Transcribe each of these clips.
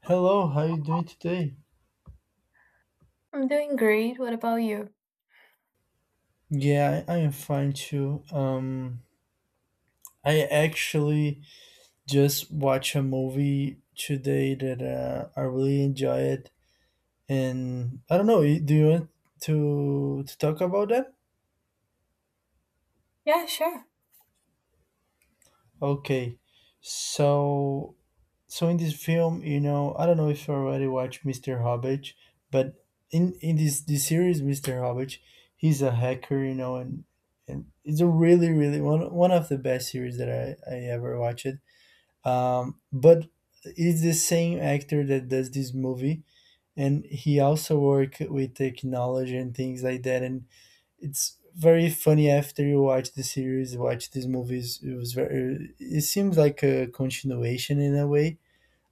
Hello, how you doing today? I'm doing great. What about you? Yeah, I am fine too. I actually just watched a movie today that I really enjoy it, and I don't know. Do you want to talk about that? Yeah, sure. Okay, so in this film, I don't know if you already watched Mr. Hobbit, but in this series, Mr. Hobbit, he's a hacker, and it's a really one of the best series that I ever watched. But it's the same actor that does this movie, and he also work with technology and things like that. And it's very funny. After you watch the series, watch these movies, it was very it seems like a continuation in a way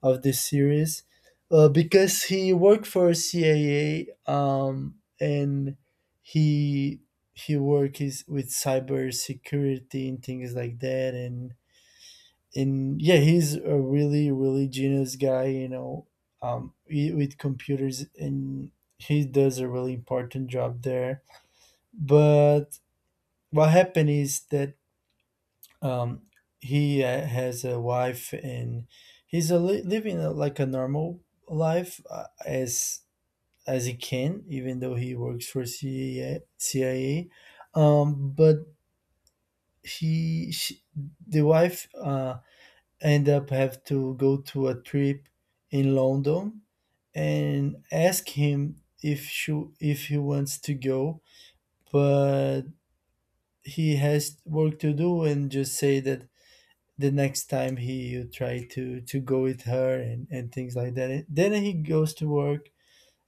of this series, because he worked for CAA, and he he worked is with cybersecurity and things like that. And yeah, he's a really genius guy. With computers. And he does a really important job there. But what happened is that, um he has a wife, and he's a living like a normal life, as he can even though he works for CIA. But he she, the wife, end up have to go to a trip in London and ask him if he wants to go. But he has work to do and just say that the next time he you try to go with her, and things like that. Then he goes to work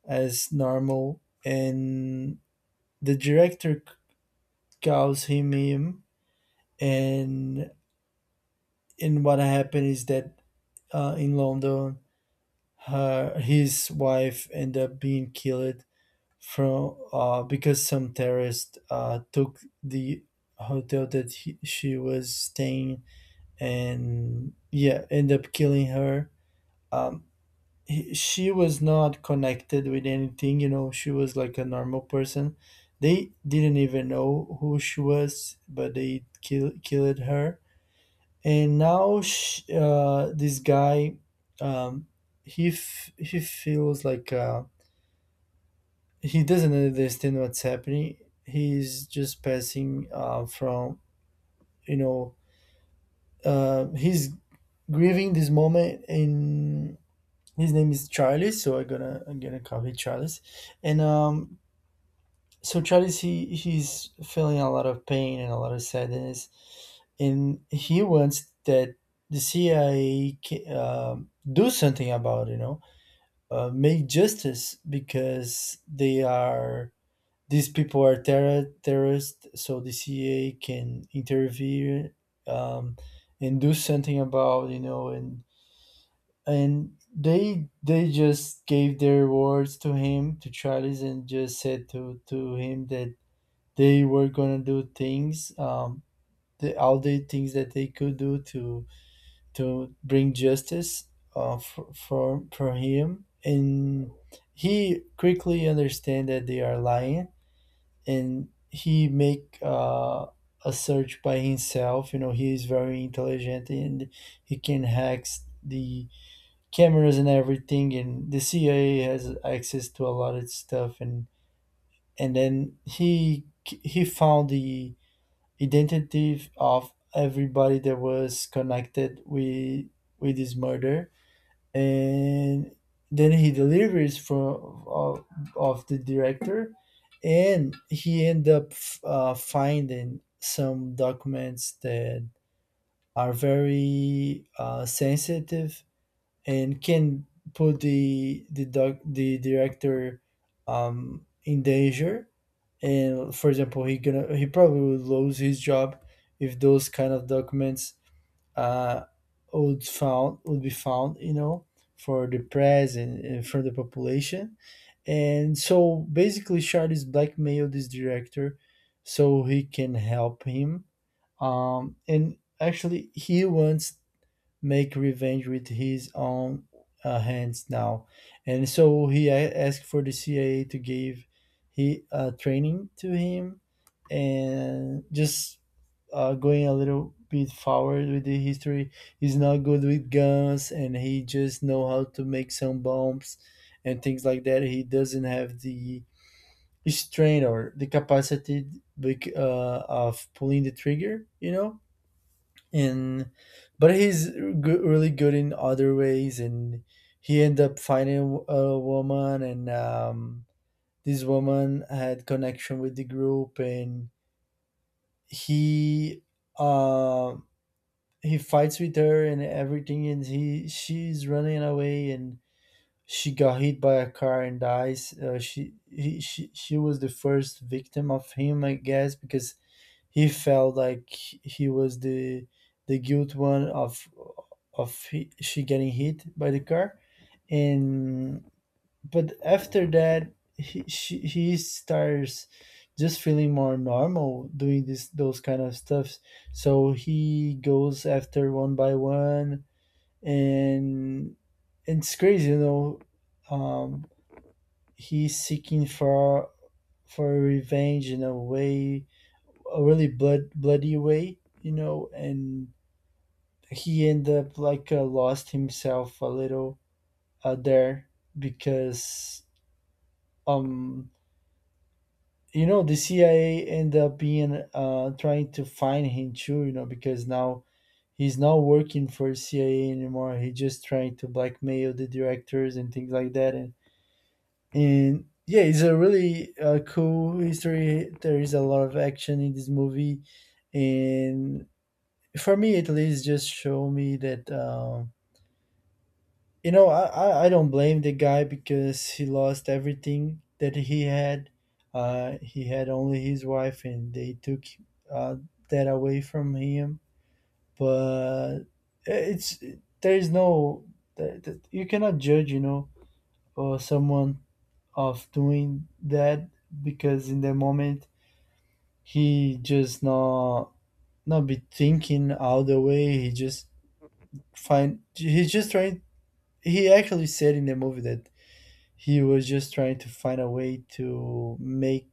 as normal, and the director calls him, and what happened is that, in London, her his wife ended up being killed, from because some terrorist took the hotel that she was staying, and yeah, end up killing her. um, she was not connected with anything. She was like a normal person. They didn't even know who she was, but they killed her. And now, sh this guy, um, he feels like, he doesn't understand what's happening. He's just passing, from, you know he's grieving this moment. And his name is Charlie, so I'm gonna call him Charles. And, so Charlie, he's feeling a lot of pain and a lot of sadness, and he wants that the CIA do something about it. Make justice because they are these people are terrorists, so the CIA can intervene, um, and do something about. And they just gave their words to him, to Charlie's, and just said to him that they were gonna do things, the all the things that they could do to bring justice for for him. And he quickly understand that they are lying, and he make a search by himself. He is very intelligent, and he can hack the cameras and everything, and the CIA has access to a lot of stuff. And then he found the identity of everybody that was connected with this murder. And then he delivers from of the director, and he end up, finding some documents that are very, sensitive and can put the director, in danger. And for example, he probably would lose his job if those kind of documents, uh, would be found, you know, for the press and for the population. And so basically, Charlie's blackmailed this director so he can help him. And actually, he wants make revenge with his own, hands now. And so he asked for the CIA to give he, training to him, and just, going a little bit forward with the history. He's not good with guns, and he just know how to make some bombs and things like that. He doesn't have the strength or the capacity, of pulling the trigger. And but he's good, really good in other ways. And he ended up finding a woman, and, this woman had connection with the group. And he uh, he fights with her and everything, and he she's running away, and she got hit by a car and dies. She, he, She was the first victim of him, I guess, because he felt like he was the guilt one of she getting hit by the car. And but after that, he he starts just feeling more normal, doing this those kind of stuffs. So he goes after one by one, and it's crazy, you know. um he's seeking for revenge in a way, a really bloody way, you know. And he ended up, like, lost himself a little, there, because, um you know, the CIA ended up being, trying to find him too, you know, because now he's not working for CIA anymore. He's just trying to blackmail the directors and things like that. And yeah, it's a really, cool history. There is a lot of action in this movie, and for me at least, just show me that, I don't blame the guy, because he lost everything that he had. He had only his wife, and they took, uh, that away from him. But it's, there is no, you cannot judge, or someone of doing that, because in the moment, he just not be thinking all the way. He just find he's just trying. He actually said in the movie that he was just trying to find a way to make,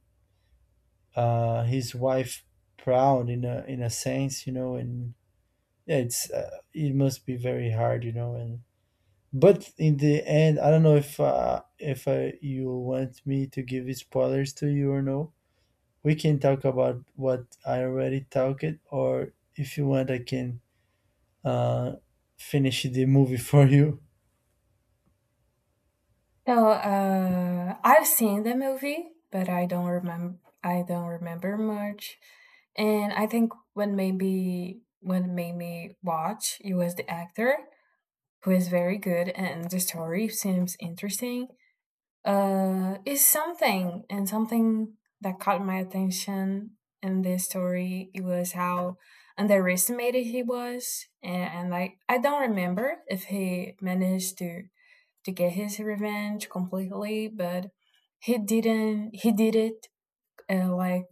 his wife proud, in a sense, you know. And yeah, it must be very hard, you know. And but in the end, I don't know if you want me to give spoilers to you or no. We can talk about what I already talked, or if you want, I can, uh finish the movie for you. So, I've seen the movie, but I don't remember. I don't remember much. And I think what made me watch it was the actor, who is very good, and the story seems interesting. Is something and Something that caught my attention in this story, it was how underestimated he was, and like, I don't remember if he managed to get his revenge completely, but he didn't, he did it, like,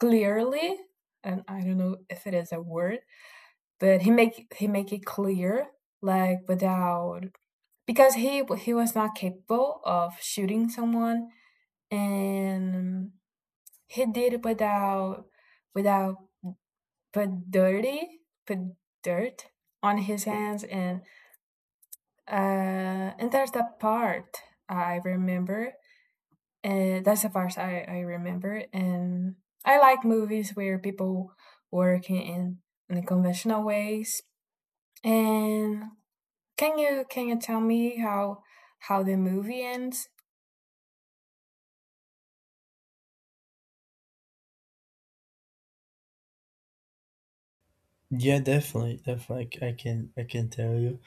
clearly. And I don't know if it is a word, but he make it clear, like, without, because he was not capable of shooting someone. And he did it without, without, put dirty, put dirt on his hands. And and there's that part I remember, and that's the part I remember. And I like movies where people work in the conventional ways. And can you tell me how the movie ends? Yeah, definitely, definitely. I can tell you.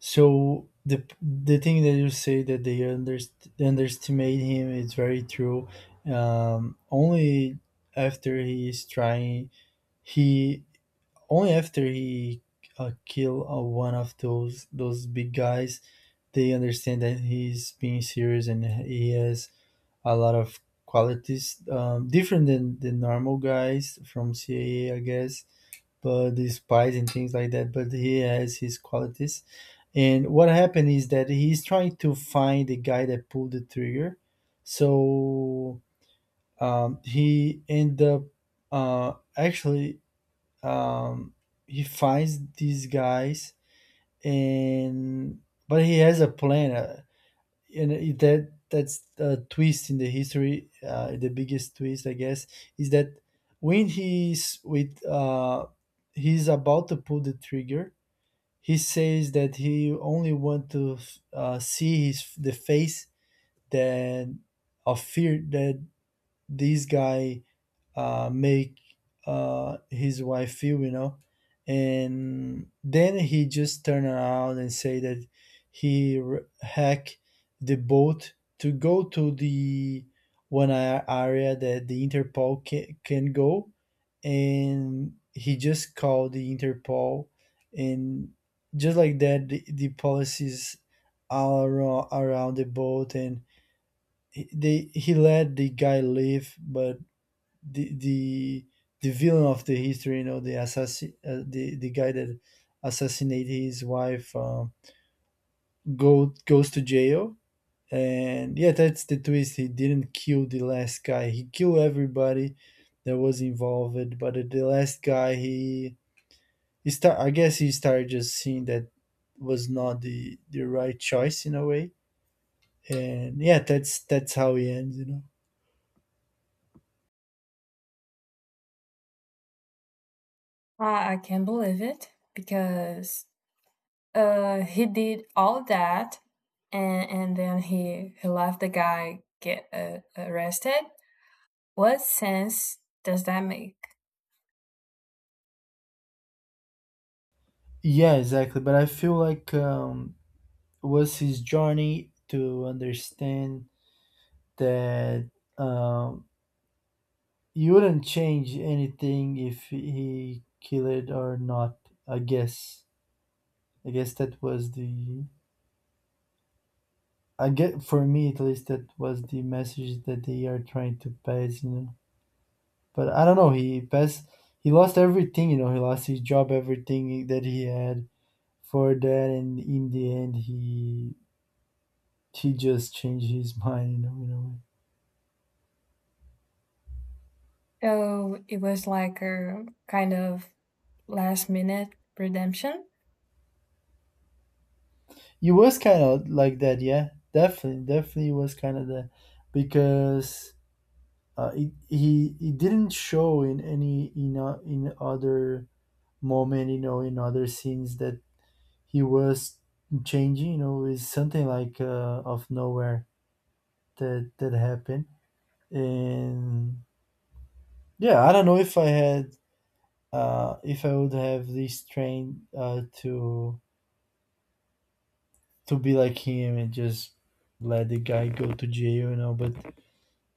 So the thing that you say that they underestimate him is very true. Only after he is trying, he only after he, kill, one of those big guys, they understand that he's being serious and he has a lot of qualities, different than the normal guys from CAA, I guess. But the spies and things like that. But he has his qualities. And what happened is that he's trying to find the guy that pulled the trigger. So, he end up, actually, um, he finds these guys. And but he has a plan. And that's a twist in the history, the biggest twist, I guess, is that, when he's with, he's about to pull the trigger, he says that he only want to, see his the face, that of fear that this guy, make, his wife feel. And then he just turned around and say that hacked the boat to go to the area that the Interpol can go, and he just called the Interpol. And just like that, the policies all around the boat. And he- they he let the guy leave, but the villain of the history, you know, the assassin, the guy that assassinated his wife, go goes to jail. And yeah, that's the twist. He didn't kill the last guy. He killed everybody that was involved, but the last guy, he start. I guess he started just seeing that was not the right choice in a way. And yeah, that's how he ends, you know. uh, I can't believe it because, he did all that, and then he left the guy get arrested. What sense does that make? Yeah, exactly. But I feel like, was his journey to understand that, um, you wouldn't change anything if he killed or not. I guess. I guess that was the. I get For me at least, that was the message that they are trying to pass. You know, but I don't know. He passed. He lost everything. You know, he lost his job, everything that he had for that, and in the end, he just changed his mind. You know, in a way. So it was like a kind of last minute redemption. It was kind of like that, yeah. Definitely, definitely was kind of that, because, he didn't show in any, in other moment, you know, in other scenes that he was changing. You know, is something like, of nowhere that happened. And yeah, I don't know if I would have this train, to be like him and just let the guy go to jail, you know. But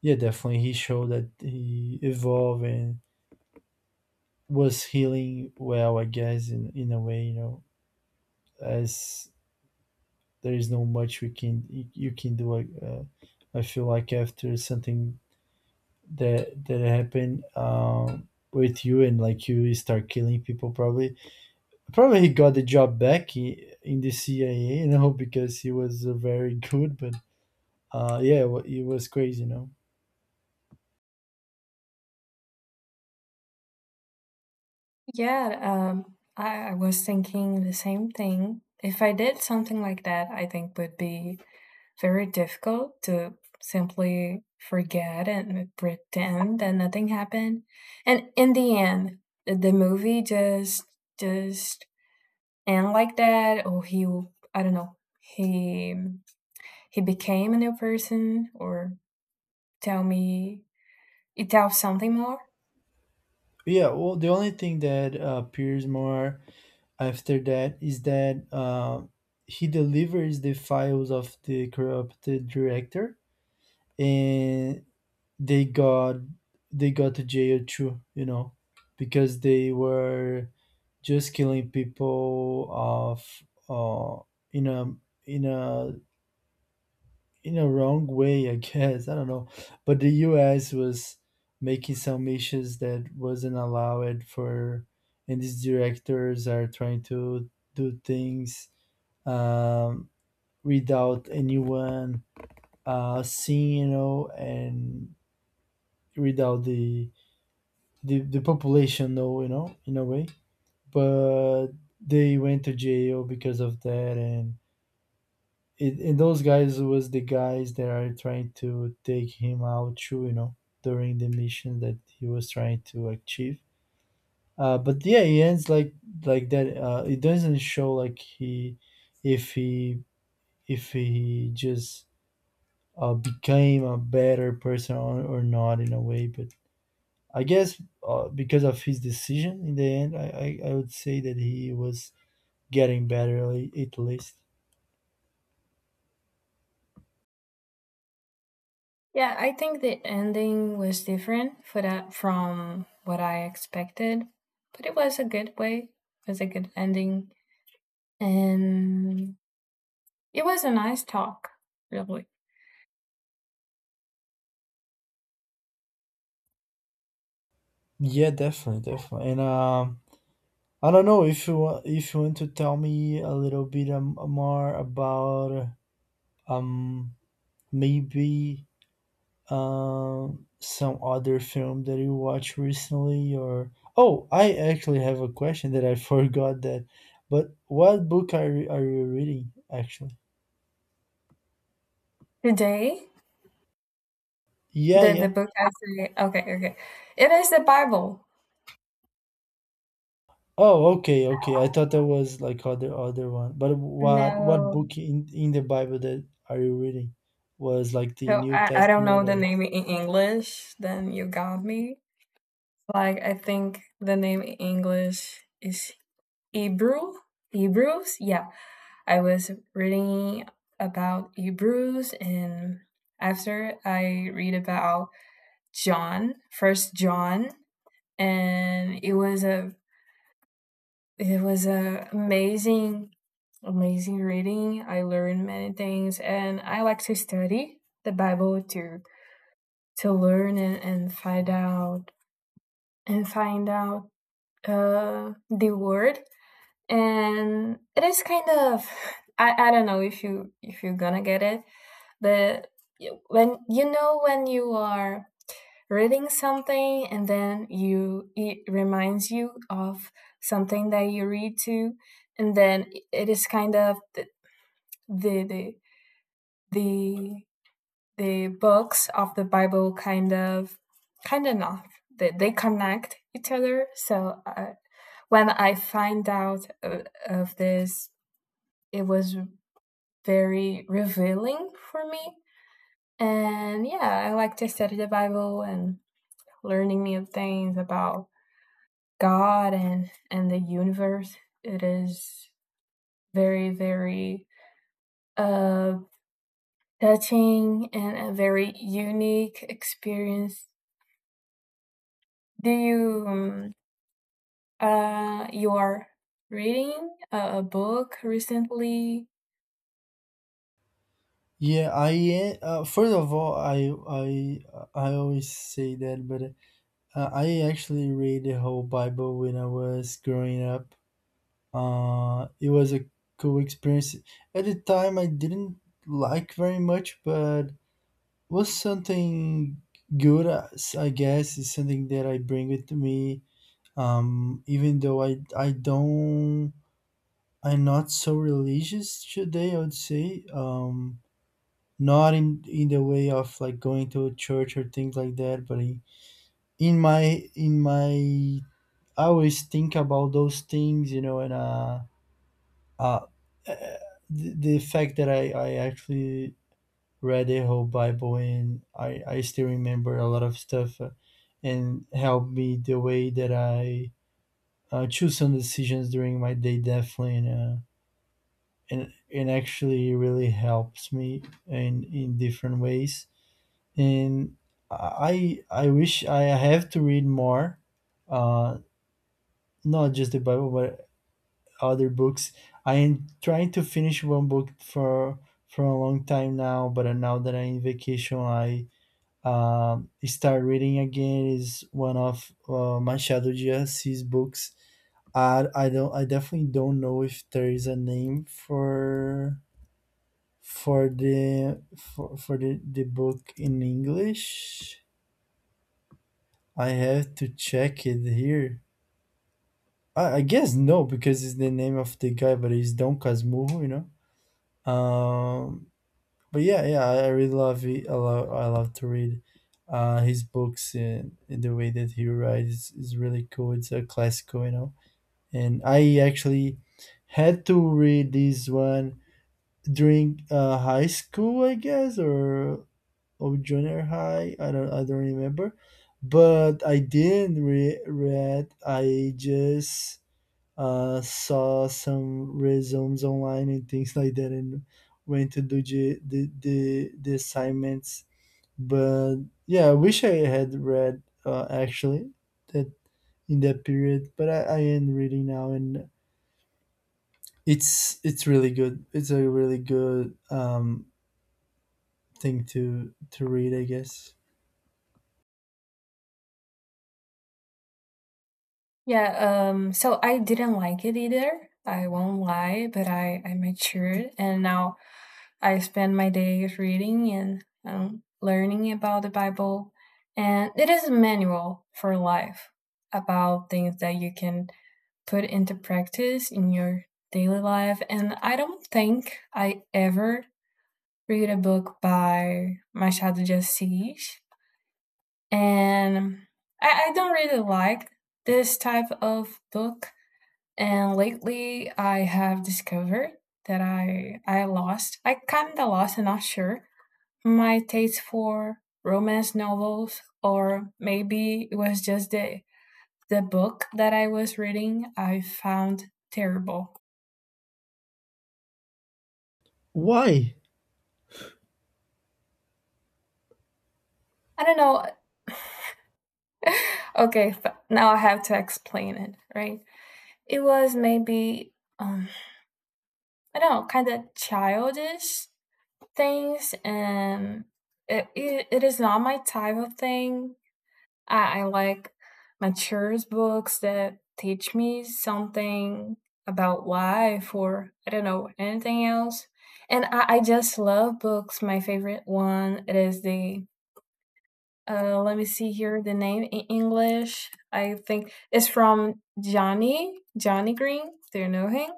yeah, definitely. He showed that he evolved and was healing well, I guess, in a way, you know, as there is no much we can you can do. Like, I feel like after something that happened with you and like you start killing people, probably he got the job back in the CIA, you know, because he was very good. But yeah, it was crazy, you know. Yeah, I, was thinking the same thing. If I did something like that, I think would be very difficult to simply forget and pretend that nothing happened. And in the end, the movie just just end like that, or he, I don't know, he became a new person, or tell me, it tells something more. Yeah, well, the only thing that appears more after that is that he delivers the files of the corrupted director and they got they got to jail too, you know, because they were just killing people of uh, in a in a in a wrong way, I guess, I don't know. But the US was making some issues that wasn't allowed for, and these directors are trying to do things, um, without anyone seeing, you know, and without the population know, you know, in a way. But they went to jail because of that, and and those guys was the guys that are trying to take him out too, you know, during the mission that he was trying to achieve. But yeah, he ends like that. It doesn't show like he if he if he just became a better person, or not in a way. But I guess because of his decision in the end, I would say that he was getting better, at least. Yeah, I think the ending was different for that from what I expected, but it was a good way. It was a good ending, and it was a nice talk, really. Yeah, definitely, definitely. And I don't know if you want to tell me a little bit more about um maybe some other film that you watched recently, or oh, I actually have a question that I forgot that. But what book are you reading actually? Today, Yeah, the yeah. book I say, okay, okay, it is the Bible. Oh, okay, okay. I thought that was like other one. But what No, book in the Bible that are you reading? Was like the so New I don't Testament, know the or? name in English. Then you got me. Like, I think the name in English is Hebrew. Hebrews, yeah. I was reading about Hebrews, and after I read about John, First John, and it was a it was a amazing amazing reading. I learned many things and I like to study the Bible to learn, and find out and find out the word. And it is kind of, I don't know if you if you're gonna get it, but when you know, when you are reading something and then you, it reminds you of something that you read to, and then it is kind of the the the, the books of the Bible, kind of, kind of not, that they connect each other. So when I find out of this, it was very revealing for me. And yeah, I like to study the Bible and learning new things about God and the universe. It is very, very, uh touching, and a very unique experience. Do you you are reading a book recently? Yeah, I first of all, I I always say that, but uh, I actually read the whole Bible when I was growing up. It was a cool experience. At the time, I didn't like very much, but was something good. I guess is something that I bring with me. Even though I don't, I'm not so religious today. I would say, not in the way of like going to a church or things like that, but I, in my in my, I always think about those things, you know, and uh, eh, the fact that I actually read the whole Bible and I still remember a lot of stuff, and helped me the way that I choose some decisions during my day definitely and actually really helps me in different ways. And I wish I have to read more, uh, not just the Bible, but other books. I am trying to finish one book for a long time now, but now that I'm in vacation, I start reading again. Is one of Machado de Assis books. I definitely don't know if there is a name for the book in English. I have to check it here. I guess no because it's the name of the guy, but it's Don Casmurro, you know. Um, but yeah, yeah, I really love it. I love to read his books and the way that he writes is really cool. It's a classical, you know. And I actually had to read this one during high school, I guess, or junior high. I don't remember. But I didn't read. I just saw some resumes online and things like that, and went to do the assignments. But yeah, I wish I had read, actually, that in that period, but I am reading now, and it's really good. It's a really good, thing to read, I guess. Yeah, so I didn't like it either. I won't lie, but I matured, and now I spend my days reading and learning about the Bible. And it is a manual for life, about things that you can put into practice in your daily life. And I don't think I ever read a book by Machado de Assis. And I don't really like this type of book. And lately I have discovered that I lost, I kinda lost, I'm not sure, my taste for romance novels. Or maybe it was just the book that I was reading, I found terrible. Why? I don't know. Okay, now I have to explain it, right? It was maybe, um I don't know, kind of childish things. And it is not my type of thing. I like mature books that teach me something about life, or I don't know, anything else. And I just love books. My favorite one, it is the, let me see here the name in English. I think it's from Johnny Green. Do you know him?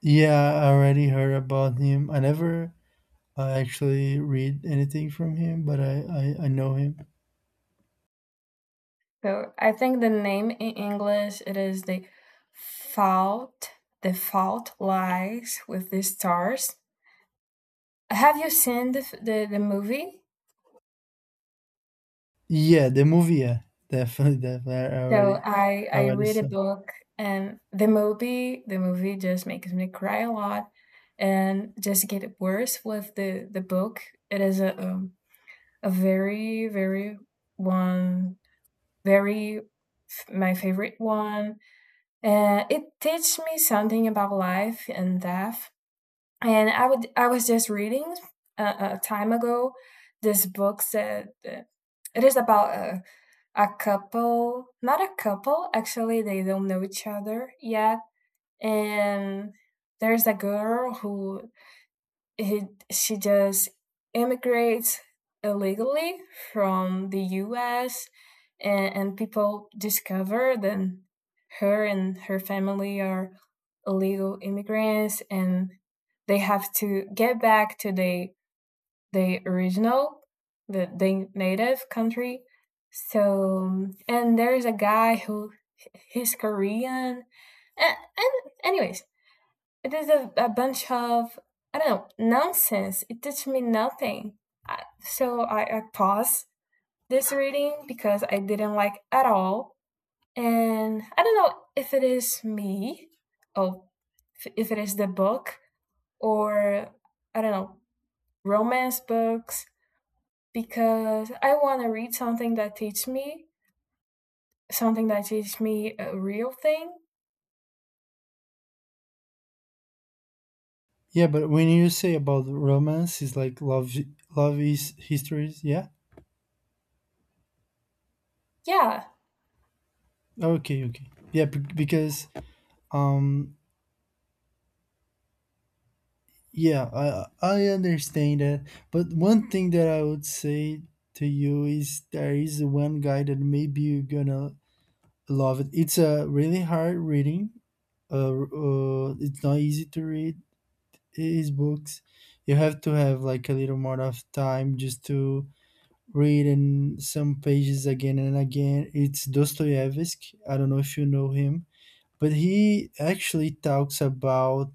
Yeah, I already heard about him. I never actually read anything from him, but I know him. So I think the name in English, it is the fault, the fault lies with the stars. Have you seen the movie? Yeah, the movie, yeah, definitely, definitely. So I I I already read a saw. book, and the movie, just makes me cry a lot, and just get worse with the book. It is a, a very, one very f my favorite one. And it teaches me something about life and death. And I was just reading a time ago, this book said that, it is about a couple, not a couple, actually, they don't know each other yet. And there's a girl who, he, she just immigrates illegally from the US, and people discover that her and her family are illegal immigrants, and they have to get back to their the original, the native country. So, and there's a guy who, he's Korean. And Anyways, it is a bunch of, I don't know, nonsense. It teaches me nothing. I, so I paused this reading because I didn't like at all. And I don't know if it is me, or if it is the book, or I don't know, romance books, because I want to read something that teaches me a real thing. Yeah, but when you say about romance, it's like love, love is histories. Yeah. Yeah, Okay. Okay. Because, um, yeah, I understand that. But one thing that I would say to you is there is one guy that maybe you're gonna love it. It's a really hard reading. It's not easy to read. His books, you have to have like a little more of time just to read and some pages again and again. It's Dostoevsky. I don't know if you know him, but he actually talks about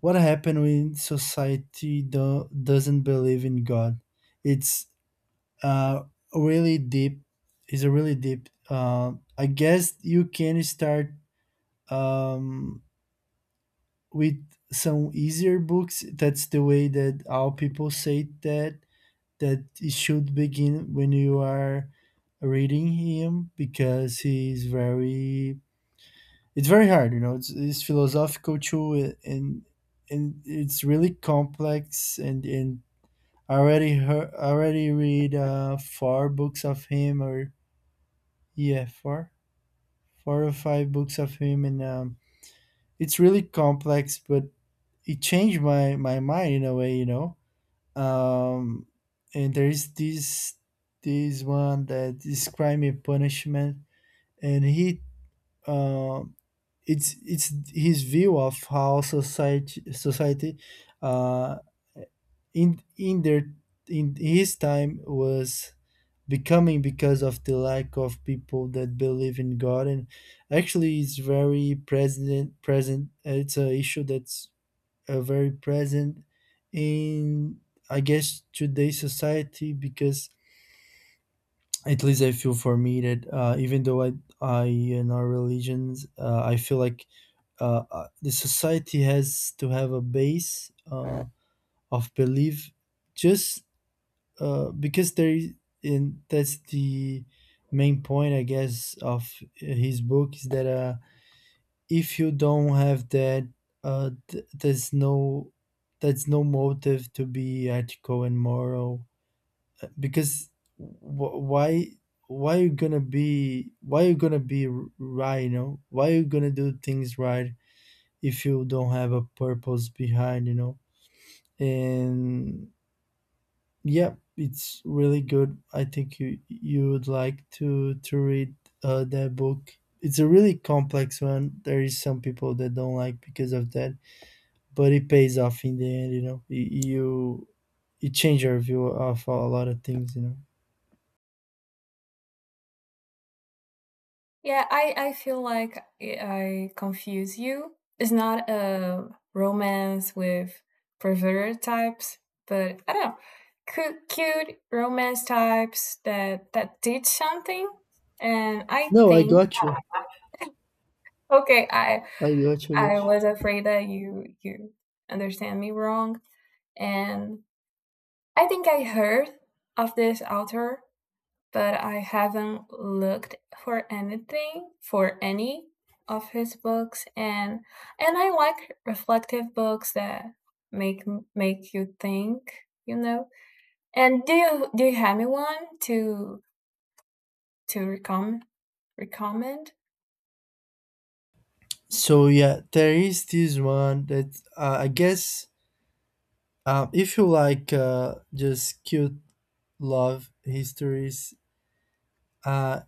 what happens when society doesn't believe in God. It's uh really deep. It's a really deep. Uh, I guess you can start, um with some easier books. That's the way that all people say that that it should begin when you are reading him, because he's very, it's very hard, you know. It's philosophical too, and it's really complex. And I already heard, already read four books of him, or yeah, four or five books of him, and, um, it's really complex, but it changed my mind in a way, you know. Um, and there is this one that is Crime and Punishment, and he, um, it's his view of how society, uh, in their in his time was becoming because of the lack of people that believe in God. And actually it's very present, it's a issue that's very present in, I guess, today's society, because at least I feel for me that, even though I in our religions, I feel like, the society has to have a base, of belief, just, because there is, in, that's the main point, I guess, of his book, is that, if you don't have that, uh, th- there's no there's no motive to be ethical and moral. Because wh- why why you gonna be, right, you know, why you gonna do things right if you don't have a purpose behind, you know. And yeah, it's really good. I think you would like to read that book. It's a really complex one. There is some people that don't like because of that, but it pays off in the end. You know, you, it changed your view of a lot of things. You know. yeah. I feel like I confuse you. It's not a romance with perverted types, but I don't know, cute romance types that teach something. And I No, I think, got you. okay, I I got you. I Got you. was afraid that you understand me wrong. And I think I heard of this author, but I haven't looked for anything, for any of his books. And I like reflective books that make make you think, you know. And do you have me one to to recom recommend? So yeah, there is this one that, I guess, if you like, just cute love histories. Uh,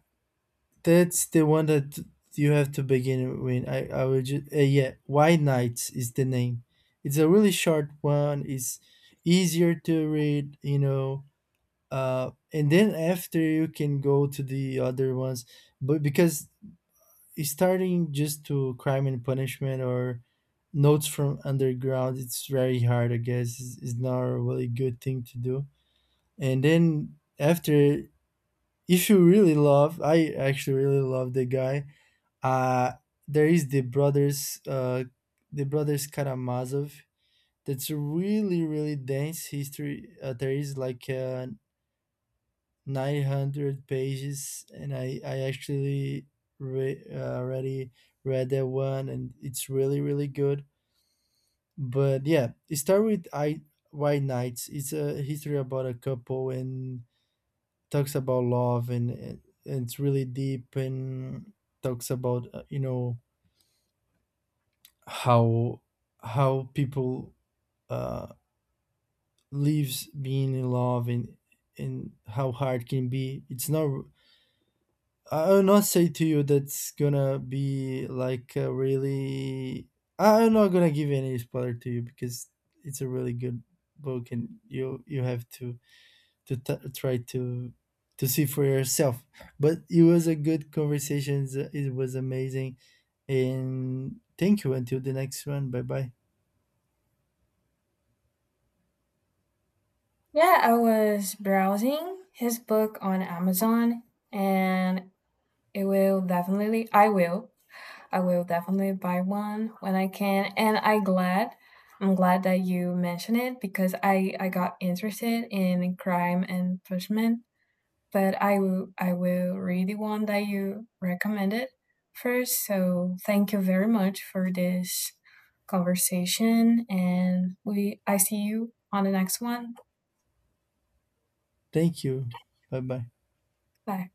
that's the one that you have to begin with. I will just, yeah. White Nights is the name. It's a really short one. It's easier to read. You know. And then after you can go to the other ones, but because it's starting just to Crime and Punishment or Notes from Underground, it's very hard. I guess it's not a really good thing to do. And then after, if you really love, I actually really love the guy. uh there is the Brothers, The Brothers Karamazov. That's a really really dense history. Uh, there is like, 900 pages, and I actually already read that one, and it's really really good. But yeah, start with I White Knights. It's a history about a couple and talks about love, and it's really deep, and talks about, you know, how people, uh lives being in love, and how hard can be. It's not, I will not say to you that's gonna be like a really, I'm not gonna give any spoiler to you, because it's a really good book, and you have to try to see for yourself. But it was a good conversation. It was amazing, and thank you. Until the next one. Bye bye. Yeah, I was browsing his book on Amazon, and it will definitely, I will definitely buy one when I can. And I'm glad that you mentioned it, because I got interested in Crime and Punishment, but I will read the one that you recommended first. So thank you very much for this conversation, and we I see you on the next one. Thank you. Bye bye. Bye.